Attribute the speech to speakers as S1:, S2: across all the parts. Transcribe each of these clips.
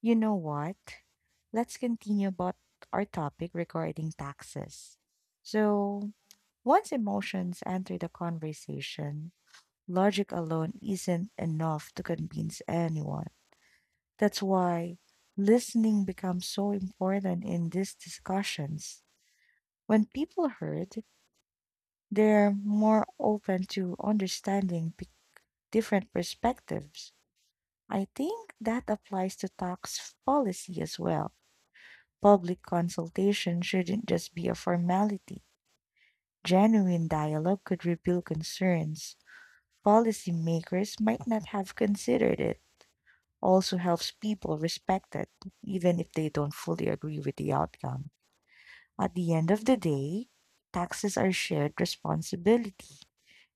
S1: You know what? Let's continue about our topic regarding taxes. So, once emotions enter the conversation, logic alone isn't enough to convince anyone. That's why listening becomes so important in these discussions. When people heard, they're more open to understanding different perspectives. I think that applies to tax policy as well. Public consultation shouldn't just be a formality. Genuine dialogue could reveal concerns policymakers might not have considered it. Also helps people respect it, even if they don't fully agree with the outcome. At the end of the day, taxes are shared responsibility,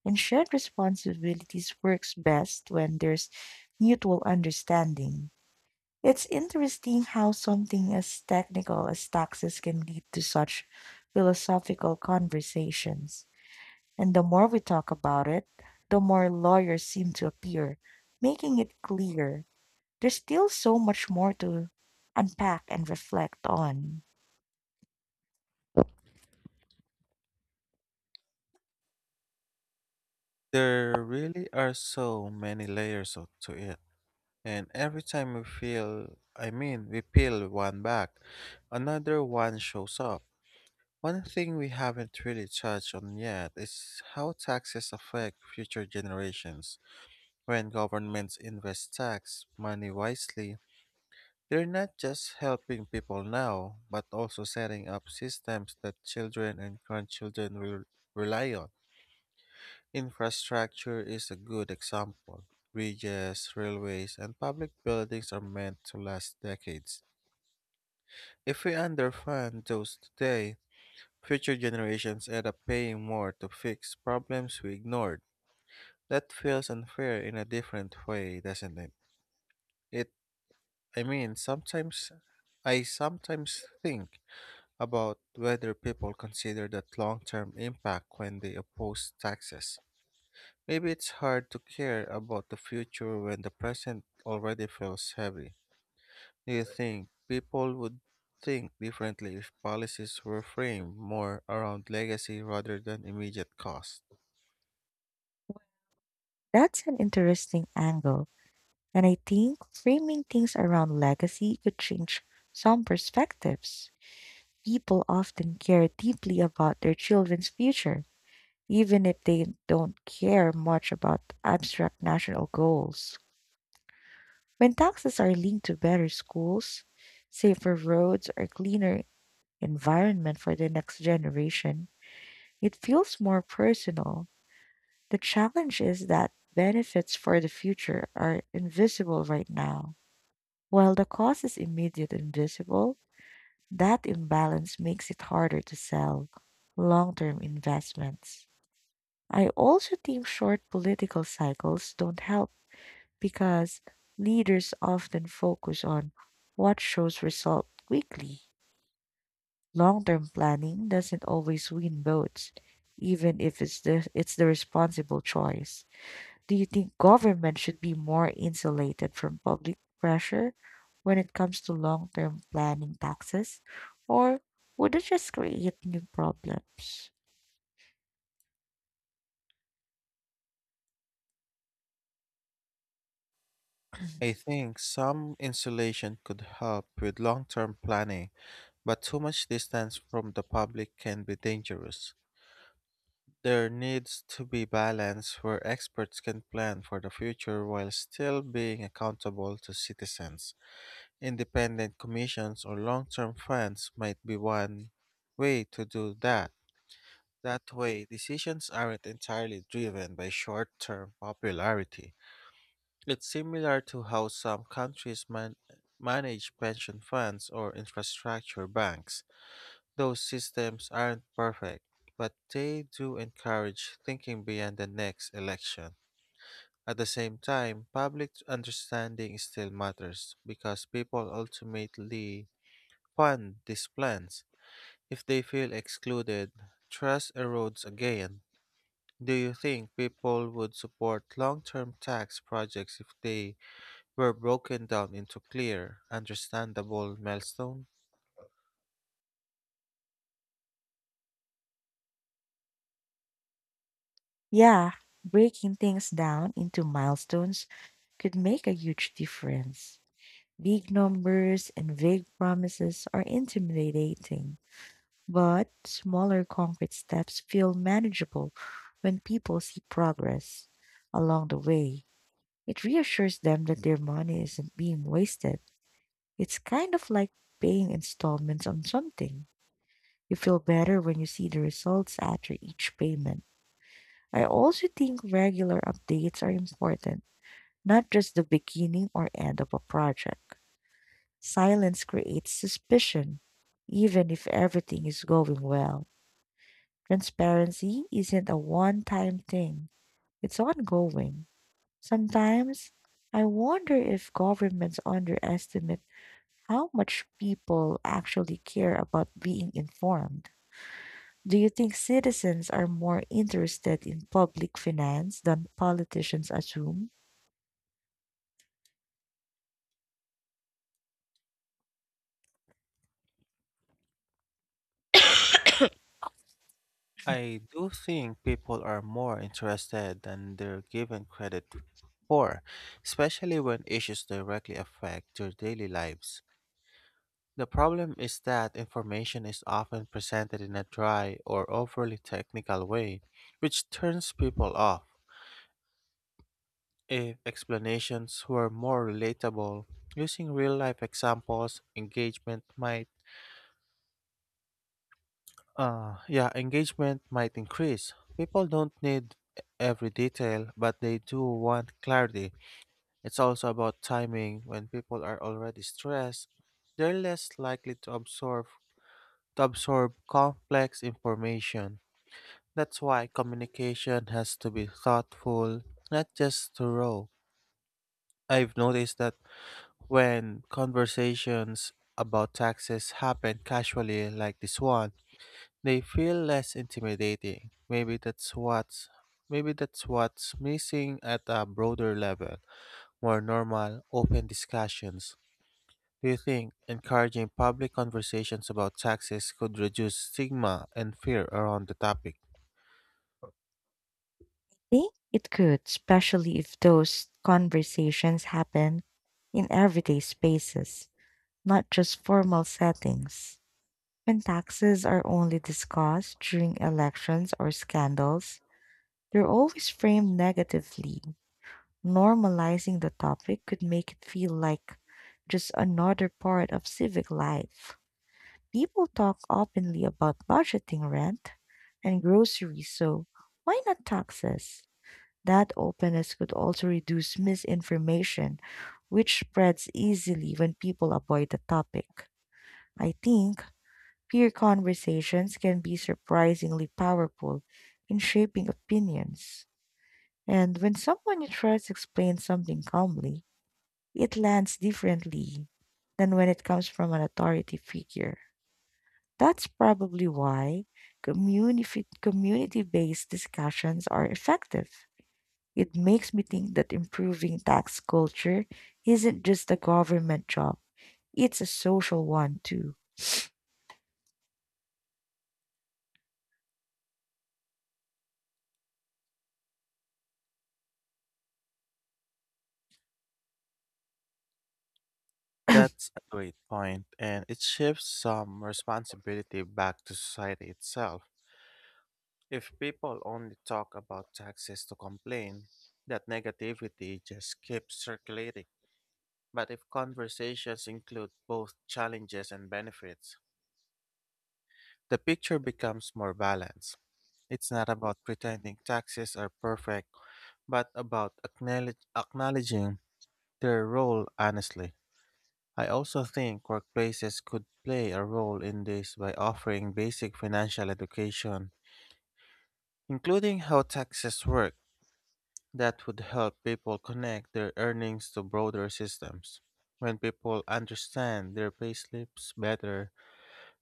S1: and shared responsibilities works best when there's mutual understanding. It's interesting how something as technical as taxes can lead to such philosophical conversations. And the more we talk about it, the more lawyers seem to appear, making it clear there's still so much more to unpack and reflect on.
S2: There really are so many layers to it. And every time we feel, I mean, we peel one back, another one shows up. One thing we haven't really touched on yet is how taxes affect future generations. When governments invest tax money wisely, they're not just helping people now, but also setting up systems that children and grandchildren will rely on. Infrastructure is a good example. Bridges, railways, and public buildings are meant to last decades. If we underfund those today, future generations end up paying more to fix problems we ignored. That feels unfair in a different way, doesn't it? It I mean, sometimes Sometimes think about whether people consider that long-term impact when they oppose taxes. Maybe it's hard to care about the future when the present already feels heavy. Do you think people would think differently if policies were framed more around legacy rather than immediate cost?
S1: That's an interesting angle, and I think framing things around legacy could change some perspectives. People often care deeply about their children's future even if they don't care much about abstract national goals. When taxes are linked to better schools, safer roads, or cleaner environment for the next generation, it feels more personal. The challenge is that benefits for the future are invisible right now. While the cost is immediate and visible, that imbalance makes it harder to sell long term investments. I also think short political cycles don't help because leaders often focus on what shows result quickly. Long term planning doesn't always win votes, even if it's the responsible choice. Do you think government should be more insulated from public pressure when it comes to long term planning taxes? Or would it just create new problems?
S2: I think some insulation could help with long term planning, but too much distance from the public can be dangerous. There needs to be balance where experts can plan for the future while still being accountable to citizens. Independent commissions or long-term funds might be one way to do that. That way, decisions aren't entirely driven by short-term popularity. It's similar to how some countries manage pension funds or infrastructure banks. Those systems aren't perfect, but they do encourage thinking beyond the next election. At the same time, public understanding still matters because people ultimately fund these plans. If they feel excluded, trust erodes again. Do you think people would support long term tax projects if they were broken down into clear, understandable milestones?
S1: Yeah, breaking things down into milestones could make a huge difference. Big numbers and vague promises are intimidating, but smaller concrete steps feel manageable when people see progress along the way. It reassures them that their money isn't being wasted. It's kind of like paying installments on something. You feel better when you see the results after each payment. I also think regular updates are important, not just the beginning or end of a project. Silence creates suspicion, even if everything is going well. Transparency isn't a one time thing, it's ongoing. Sometimes I wonder if governments underestimate how much people actually care about being informed. Do you think citizens are more interested in public finance than politicians assume?
S2: I do think people are more interested than they're given credit for, especially when issues directly affect their daily lives. The problem is that information is often presented in a dry or overly technical way, which turns people off. If explanations were more relatable, using real-life examples, engagement might yeah, engagement might increase. People don't need every detail, but they do want clarity. It's also about timing. When people are already stressed, they're less likely to absorb complex information. That's why communication has to be thoughtful, not just thorough. I've noticed that when conversations about taxes happen casually like this one, they feel less intimidating. Maybe that's what's missing at a broader level, more normal, open discussions. Do you think encouraging public conversations about taxes could reduce stigma and fear around the topic?
S1: Think it could, especially if those conversations happen in everyday spaces, not just formal settings. When taxes are only discussed during elections or scandals, they're always framed negatively. Normalizing the topic could make it feel like just another part of civic life. People talk openly about budgeting rent and groceries, so why not taxes? That openness could also reduce misinformation, which spreads easily when people avoid the topic. I think peer conversations can be surprisingly powerful in shaping opinions. And when someone you trust explains something calmly, it lands differently than when it comes from an authority figure. That's probably why community based discussions are effective. It makes me think that improving tax culture isn't just a government job, it's a social one too.
S2: That's a great point, and it shifts some responsibility back to society itself. If people only talk about taxes to complain, that negativity just keeps circulating. But if conversations include both challenges and benefits, the picture becomes more balanced. It's not about pretending taxes are perfect, but about acknowledging their role honestly. I also think workplaces could play a role in this by offering basic financial education, including how taxes work. That would help people connect their earnings to broader systems. When people understand their payslips better,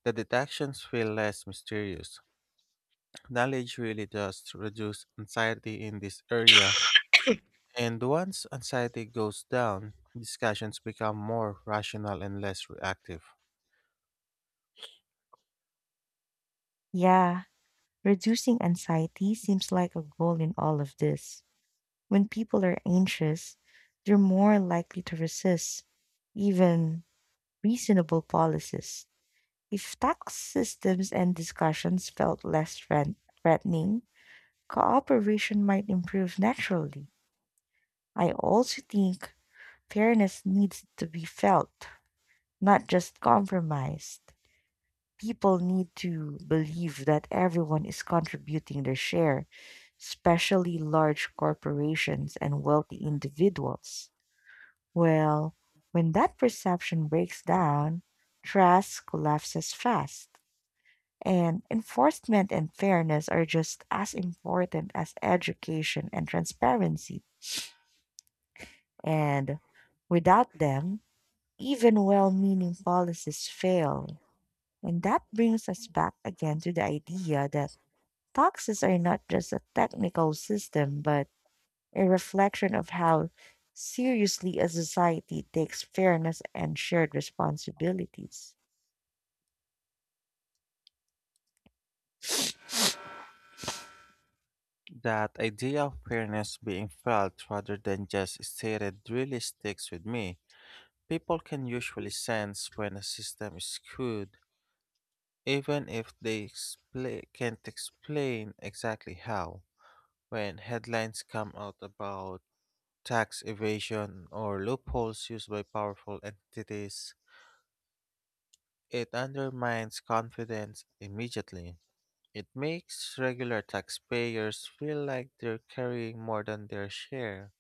S2: the deductions feel less mysterious. Knowledge really does reduce anxiety in this area, and once anxiety goes down, discussions become more rational and less reactive.
S1: Yeah, reducing anxiety seems like a goal in all of this. When people are anxious, they're more likely to resist even reasonable policies. If tax systems and discussions felt less threatening, cooperation might improve naturally. I also think fairness needs to be felt, not just compromised. People need to believe that everyone is contributing their share, especially large corporations and wealthy individuals. Well, when that perception breaks down, trust collapses fast. And enforcement and fairness are just as important as education and transparency. And without them, even well meaning policies fail. And that brings us back again to the idea that taxes are not just a technical system, but a reflection of how seriously a society takes fairness and shared responsibilities.
S2: That idea of fairness being felt rather than just stated really sticks with me. People can usually sense when a system is skewed, even if they expla can't explain exactly how. When headlines come out about tax evasion or loopholes used by powerful entities, it undermines confidence immediately. It makes regular taxpayers feel like they're carrying more than their share.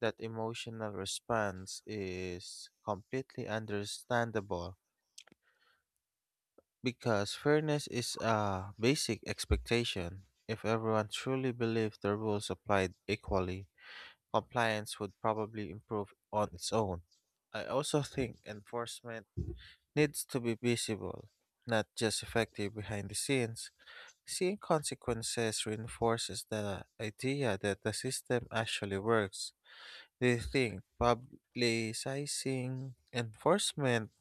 S2: That emotional response is completely understandable because fairness is a basic expectation. If everyone truly believed the rules applied equally, compliance would probably improve on its own. I also think enforcement needs to be visible, not just effective behind the scenes. Seeing consequences reinforces the idea that the system actually works. Do you think publicizing enforcement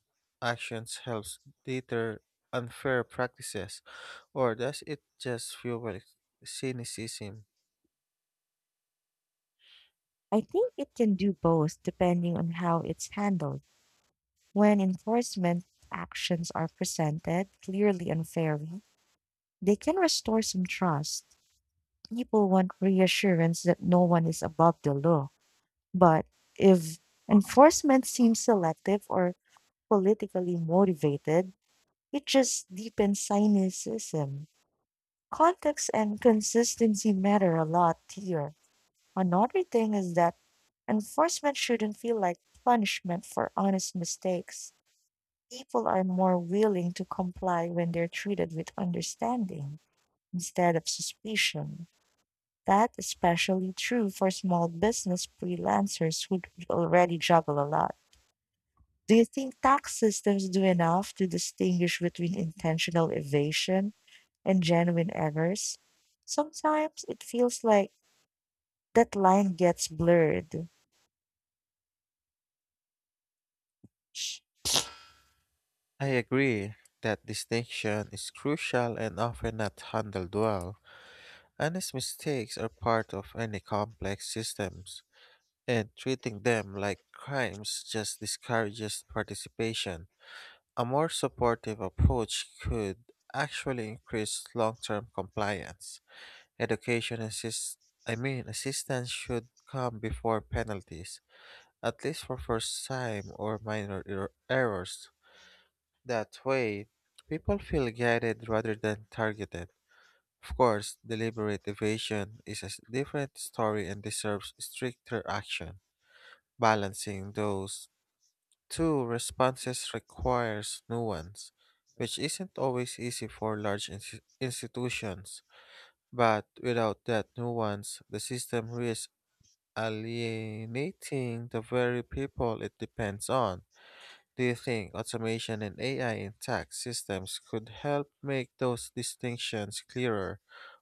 S2: actions helps deter unfair practices, or does it just fuel cynicism?
S1: I think it can do both depending on how it's handled. When enforcement actions are presented clearly and fairly, they can restore some trust. People want reassurance that no one is above the law. But if enforcement seems selective or politically motivated, it just deepens cynicism. Context and consistency matter a lot here. Another thing is that enforcement shouldn't feel like punishment for honest mistakes. People are more willing to comply when they're treated with understanding instead of suspicion. That's especially true for small business freelancers who already juggle a lot. Do you think tax systems do enough to distinguish between intentional evasion and genuine errors? Sometimes it feels like that line gets blurred.
S2: I agree that distinction is crucial and often not handled well. Honest mistakes are part of any complex systems, and treating them like crimes just discourages participation. A more supportive approach could actually increase long-term compliance. Education assist I mean Assistance should come before penalties, at least for first time or minor errors. That way, people feel guided rather than targeted. Of course, deliberate evasion is a different story and deserves stricter action. Balancing those two responses requires nuance, which isn't always easy for large institutions. But without that nuance, the system risks alienating the very people it depends on. Do you think automation and AI in tax systems could help make those distinctions clearer,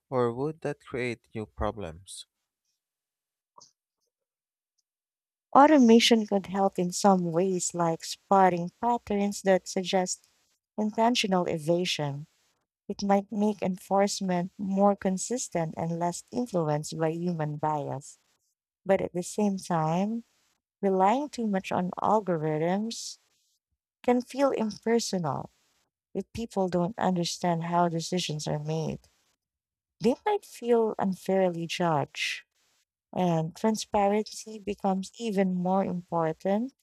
S2: or would that create new problems?
S1: Automation could help in some ways, like spotting patterns that suggest intentional evasion. It might make enforcement more consistent and less influenced by human bias. But at the same time, relying too much on algorithms can feel impersonal. If people don't understand how decisions are made, they might feel unfairly judged. And transparency becomes even more important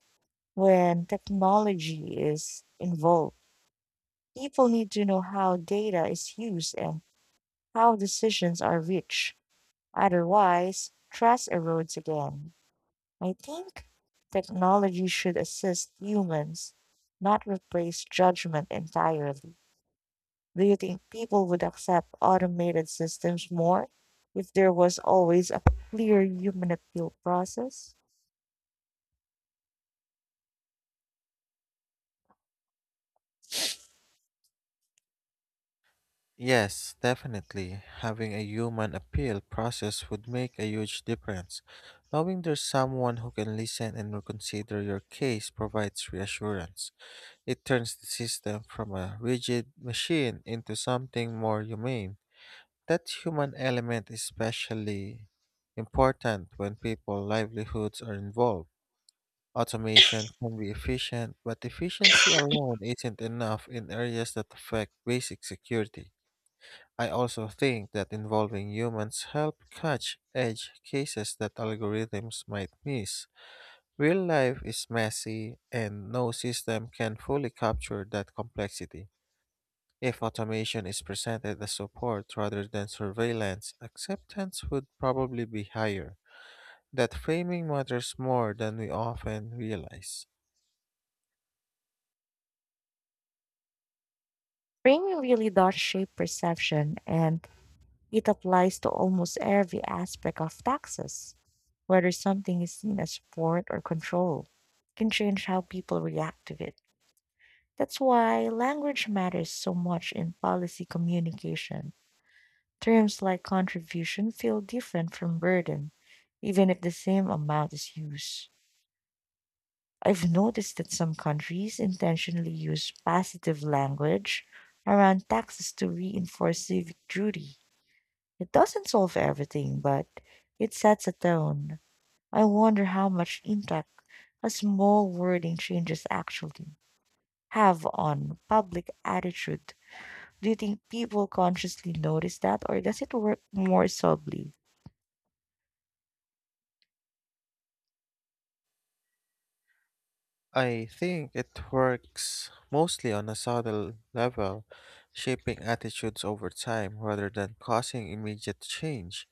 S1: when technology is involved. People need to know how data is used and how decisions are reached. Otherwise, trust erodes again. I think technology should assist humans, not replace judgment entirely. Do you think people would accept automated systems more if there was always a clear human appeal process?
S2: Yes, definitely. Having a human appeal process would make a huge difference. Knowing there's someone who can listen and reconsider your case provides reassurance. It turns the system from a rigid machine into something more humane. That human element is especially important when people's livelihoods are involved. Automation can be efficient, but efficiency alone isn't enough in areas that affect basic security. I also think that involving humans help catch edge cases that algorithms might miss. Real life is messy and no system can fully capture that complexity. If automation is presented as support rather than surveillance, acceptance would probably be higher. That framing matters more than we often realize.
S1: Framing really does shape perception, and it applies to almost every aspect of taxes. Whether something is seen as support or control can change how people react to it. That's why language matters so much in policy communication. Terms like contribution feel different from burden, even if the same amount is used. I've noticed that some countries intentionally use positive language around taxes to reinforce civic duty. It doesn't solve everything, but it sets a tone. I wonder how much impact a small wording changes actually have on public attitude. Do you think people consciously notice that, or does it work more subtly?
S2: I think it works mostly on a subtle level, shaping attitudes over time rather than causing immediate change.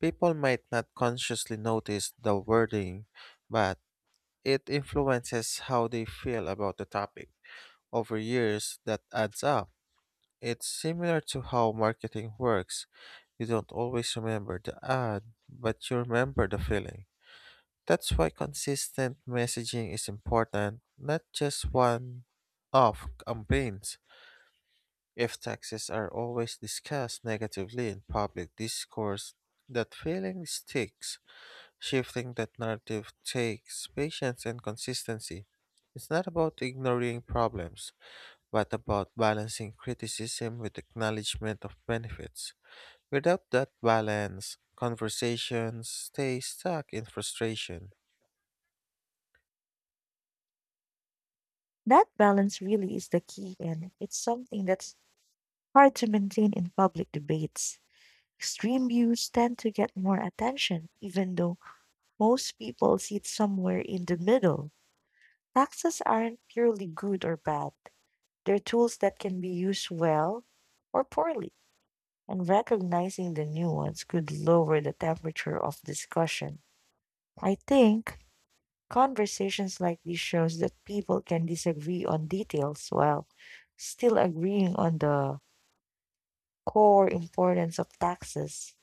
S2: People might not consciously notice the wording, but it influences how they feel about the topic. Over years, that adds up. It's similar to how marketing works. You don't always remember the ad, but you remember the feeling. That's why consistent messaging is important, not just one off campaigns. If taxes are always discussed negatively in public discourse, that feeling sticks. Shifting that narrative takes patience and consistency. It's not about ignoring problems, but about balancing criticism with acknowledgement of benefits. Without that balance, conversations stay stuck in frustration.
S1: That balance really is the key, and it's something that's hard to maintain in public debates. Extreme views tend to get more attention, even though most people sit somewhere in the middle. Taxes aren't purely good or bad, they're tools that can be used well or poorly, and recognizing the nuance could lower the temperature of discussion. I think conversations like this shows that people can disagree on details while still agreeing on the core importance of taxes.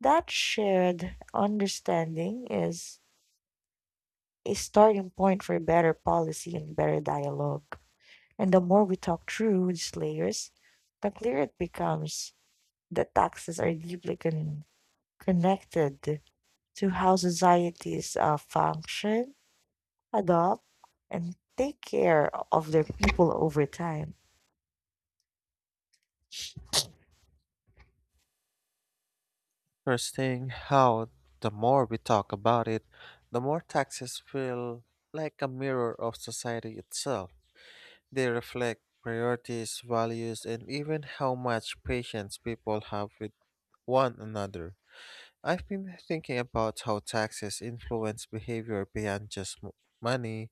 S1: That shared understanding is a starting point for better policy and better dialogue. And the more we talk through these layers, the clearer it becomes that taxes are deeply connected to how societies function, adopt, and take care of their people over time.
S2: Interesting how the more we talk about it, the more taxes feel like a mirror of society itself. They reflect priorities, values, and even how much patience people have with one another. I've been thinking about how taxes influence behavior beyond just money,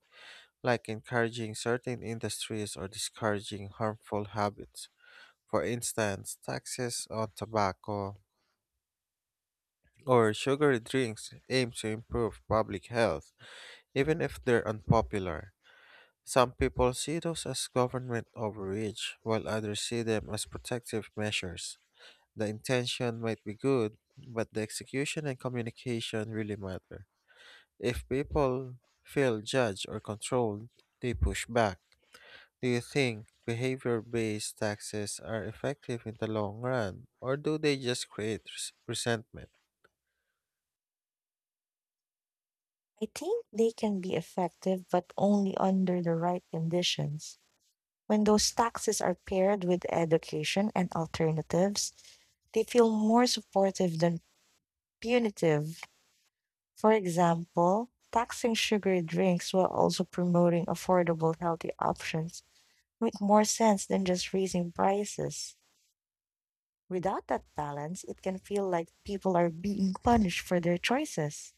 S2: like encouraging certain industries or discouraging harmful habits. For instance, taxes on tobacco or sugary drinks aim to improve public health, even if they're unpopular. Some people see those as government overreach, while others see them as protective measures. The intention might be good, but the execution and communication really matter. If people feel judged or controlled, they push back. Do you think behavior based taxes are effective in the long run, or do they just create resentment?
S1: I think they can be effective, but only under the right conditions. When those taxes are paired with education and alternatives, they feel more supportive than punitive. For example, taxing sugary drinks while also promoting affordable, healthy options make more sense than just raising prices. Without that balance, it can feel like people are being punished for their choices.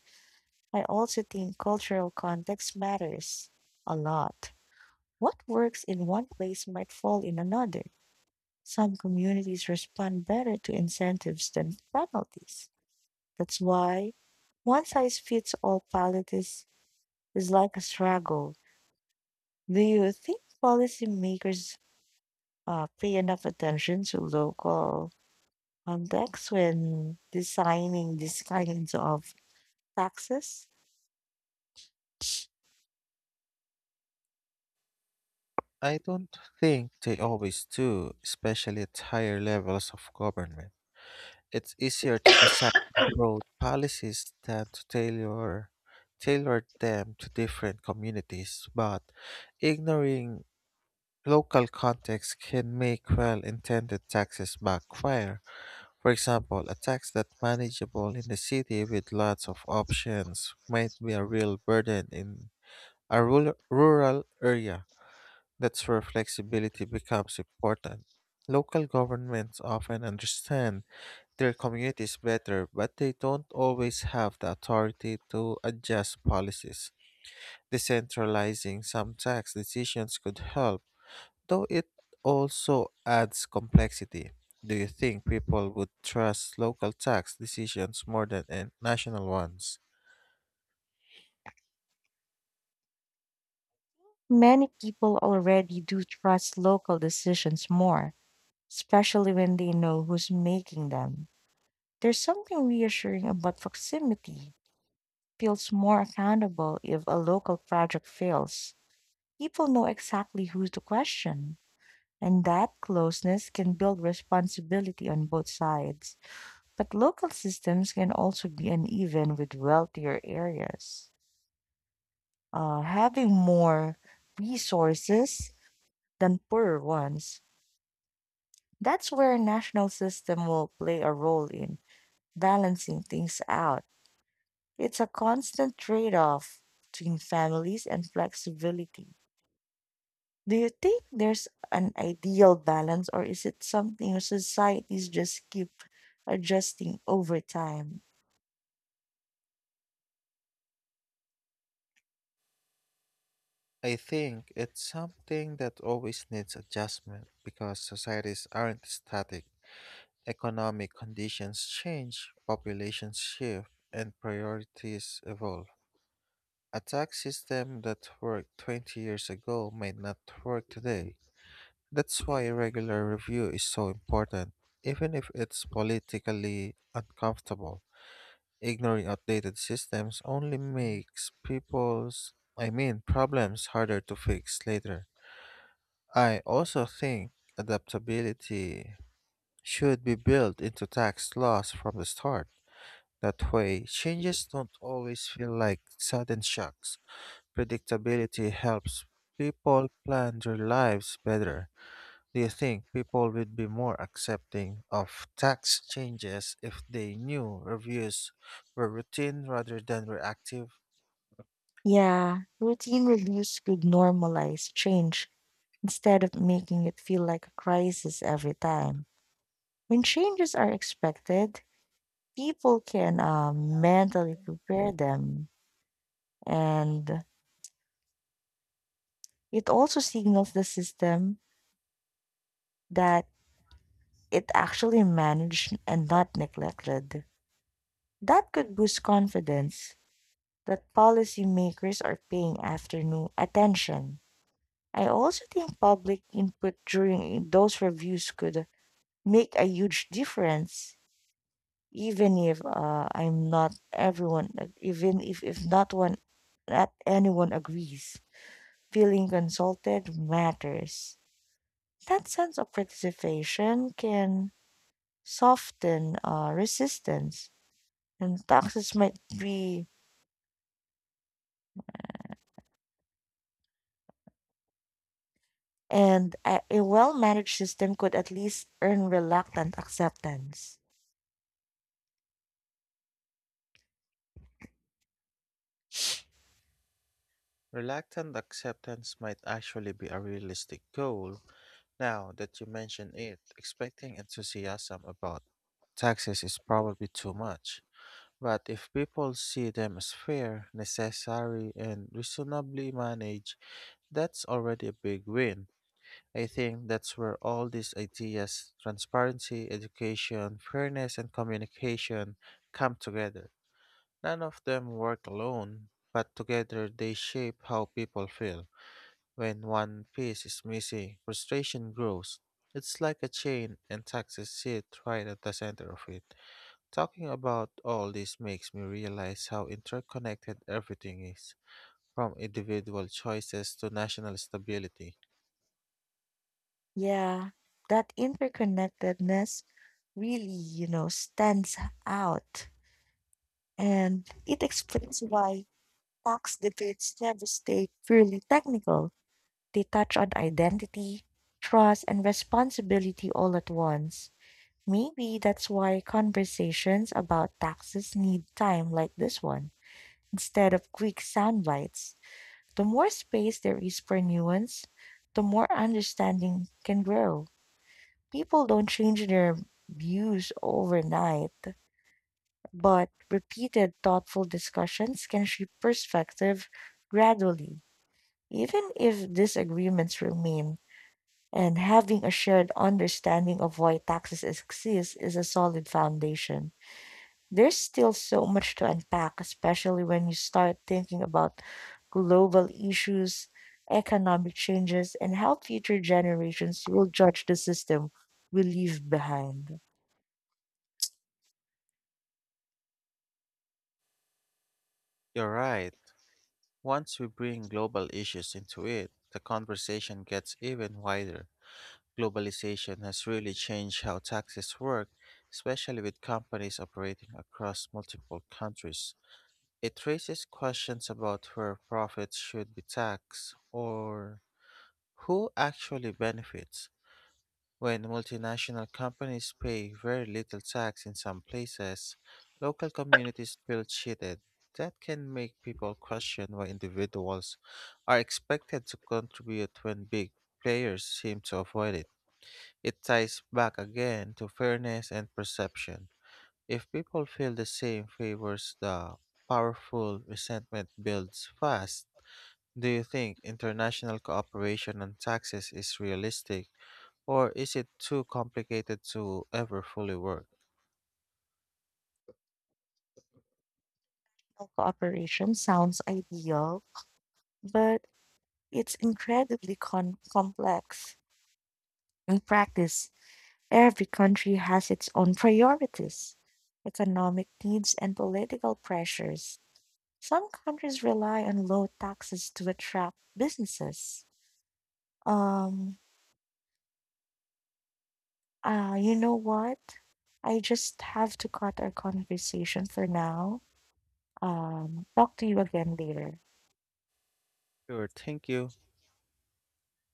S1: I also think cultural context matters a lot. What works in one place might fall in another. Some communities respond better to incentives than penalties. That's why one size fits all politics is like a struggle. Do you think policymakers pay enough attention to local contexts when designing these kinds of taxes?
S2: I don't think they always do, especially at higher levels of government. It's easier to design broad policies than to tailor them to different communities, but ignoring local context can make well-intended taxes backfire. For example, a tax that's manageable in a city with lots of options might be a real burden in a rural area. That's where flexibility becomes important. Local governments often understand their communities better, but they don't always have the authority to adjust policies. Decentralizing some tax decisions could help, though it also adds complexity. Do you think people would trust local tax decisions more than national ones?
S1: Many people already do trust local decisions more, especially when they know who's making them. There's something reassuring about proximity feels more accountable if a local project fails. People know exactly who to question, and that closeness can build responsibility on both sides. But local systems can also be uneven with wealthier areas. Having more resources than poorer ones. That's where a national system will play a role in balancing things out. It's a constant trade-off between families and flexibility. Do you think there's an ideal balance, or is it something societies just keep adjusting over time?
S2: I think it's something that always needs adjustment because societies aren't static. Economic conditions change, populations shift, and priorities evolve. A tax system that worked 20 years ago may not work today. That's why regular review is so important, even if it's politically uncomfortable. Ignoring outdated systems only makes problems harder to fix later. I also think adaptability should be built into tax laws from the start. That way, changes don't always feel like sudden shocks. Predictability helps people plan their lives better. Do you think people would be more accepting of tax changes if they knew reviews were routine rather than reactive?
S1: Yeah, routine reviews could normalize change instead of making it feel like a crisis every time. When changes are expected, people can mentally prepare them, and it also signals the system that it actually managed and not neglected. That could boost confidence that policymakers are paying afternoon attention. I also think public input during those reviews could make a huge difference, even if I'm not everyone, even if not one, not anyone agrees. Feeling consulted matters. That sense of participation can soften resistance, and taxes might be and a well-managed system could at least earn reluctant acceptance.
S2: Reluctant acceptance might actually be a realistic goal. Now that you mention it, expecting enthusiasm about taxes is probably too much. But if people see them as fair, necessary, and reasonably managed, that's already a big win. I think that's where all these ideas transparency, education, fairness, and communication come together. None of them work alone, but together they shape how people feel. When one piece is missing, frustration grows. It's like a chain, and taxes sit right at the center of it. Talking about all this makes me realize how interconnected everything is, from individual choices to national stability.
S1: Yeah, that interconnectedness really, you know, stands out, and it explains why tax debates never stay purely technical. They touch on identity, trust, and responsibility all at once. Maybe that's why conversations about taxes need time like this one instead of quick sound bites. The more space there is for nuance, the more understanding can grow. People don't change their views overnight, but repeated thoughtful discussions can shape perspective gradually. Even if disagreements remain, and having a shared understanding of why taxes exist is a solid foundation. There's still so much to unpack, especially when you start thinking about global issues, economic changes, and how future generations will judge the system we leave behind.
S2: You're right. Once we bring global issues into it, the conversation gets even wider. Globalization has really changed how taxes work, especially with companies operating across multiple countries. It raises questions about where profits should be taxed or who actually benefits. When multinational companies pay very little tax in some places, local communities feel cheated. That can make people question why individuals are expected to contribute when big players seem to avoid it. It ties back again to fairness and perception. If people feel the same favors the powerful, resentment builds fast. Do you think international cooperation on taxes is realistic? Or is it too complicated to ever fully work?
S1: Cooperation sounds ideal, but it's incredibly complex. In practice, every country has its own priorities, economic needs, and political pressures. Some countries rely on low taxes to attract businesses. Um, you know what? I just have to cut our conversation for now. Talk to you again later.
S2: Sure, thank you.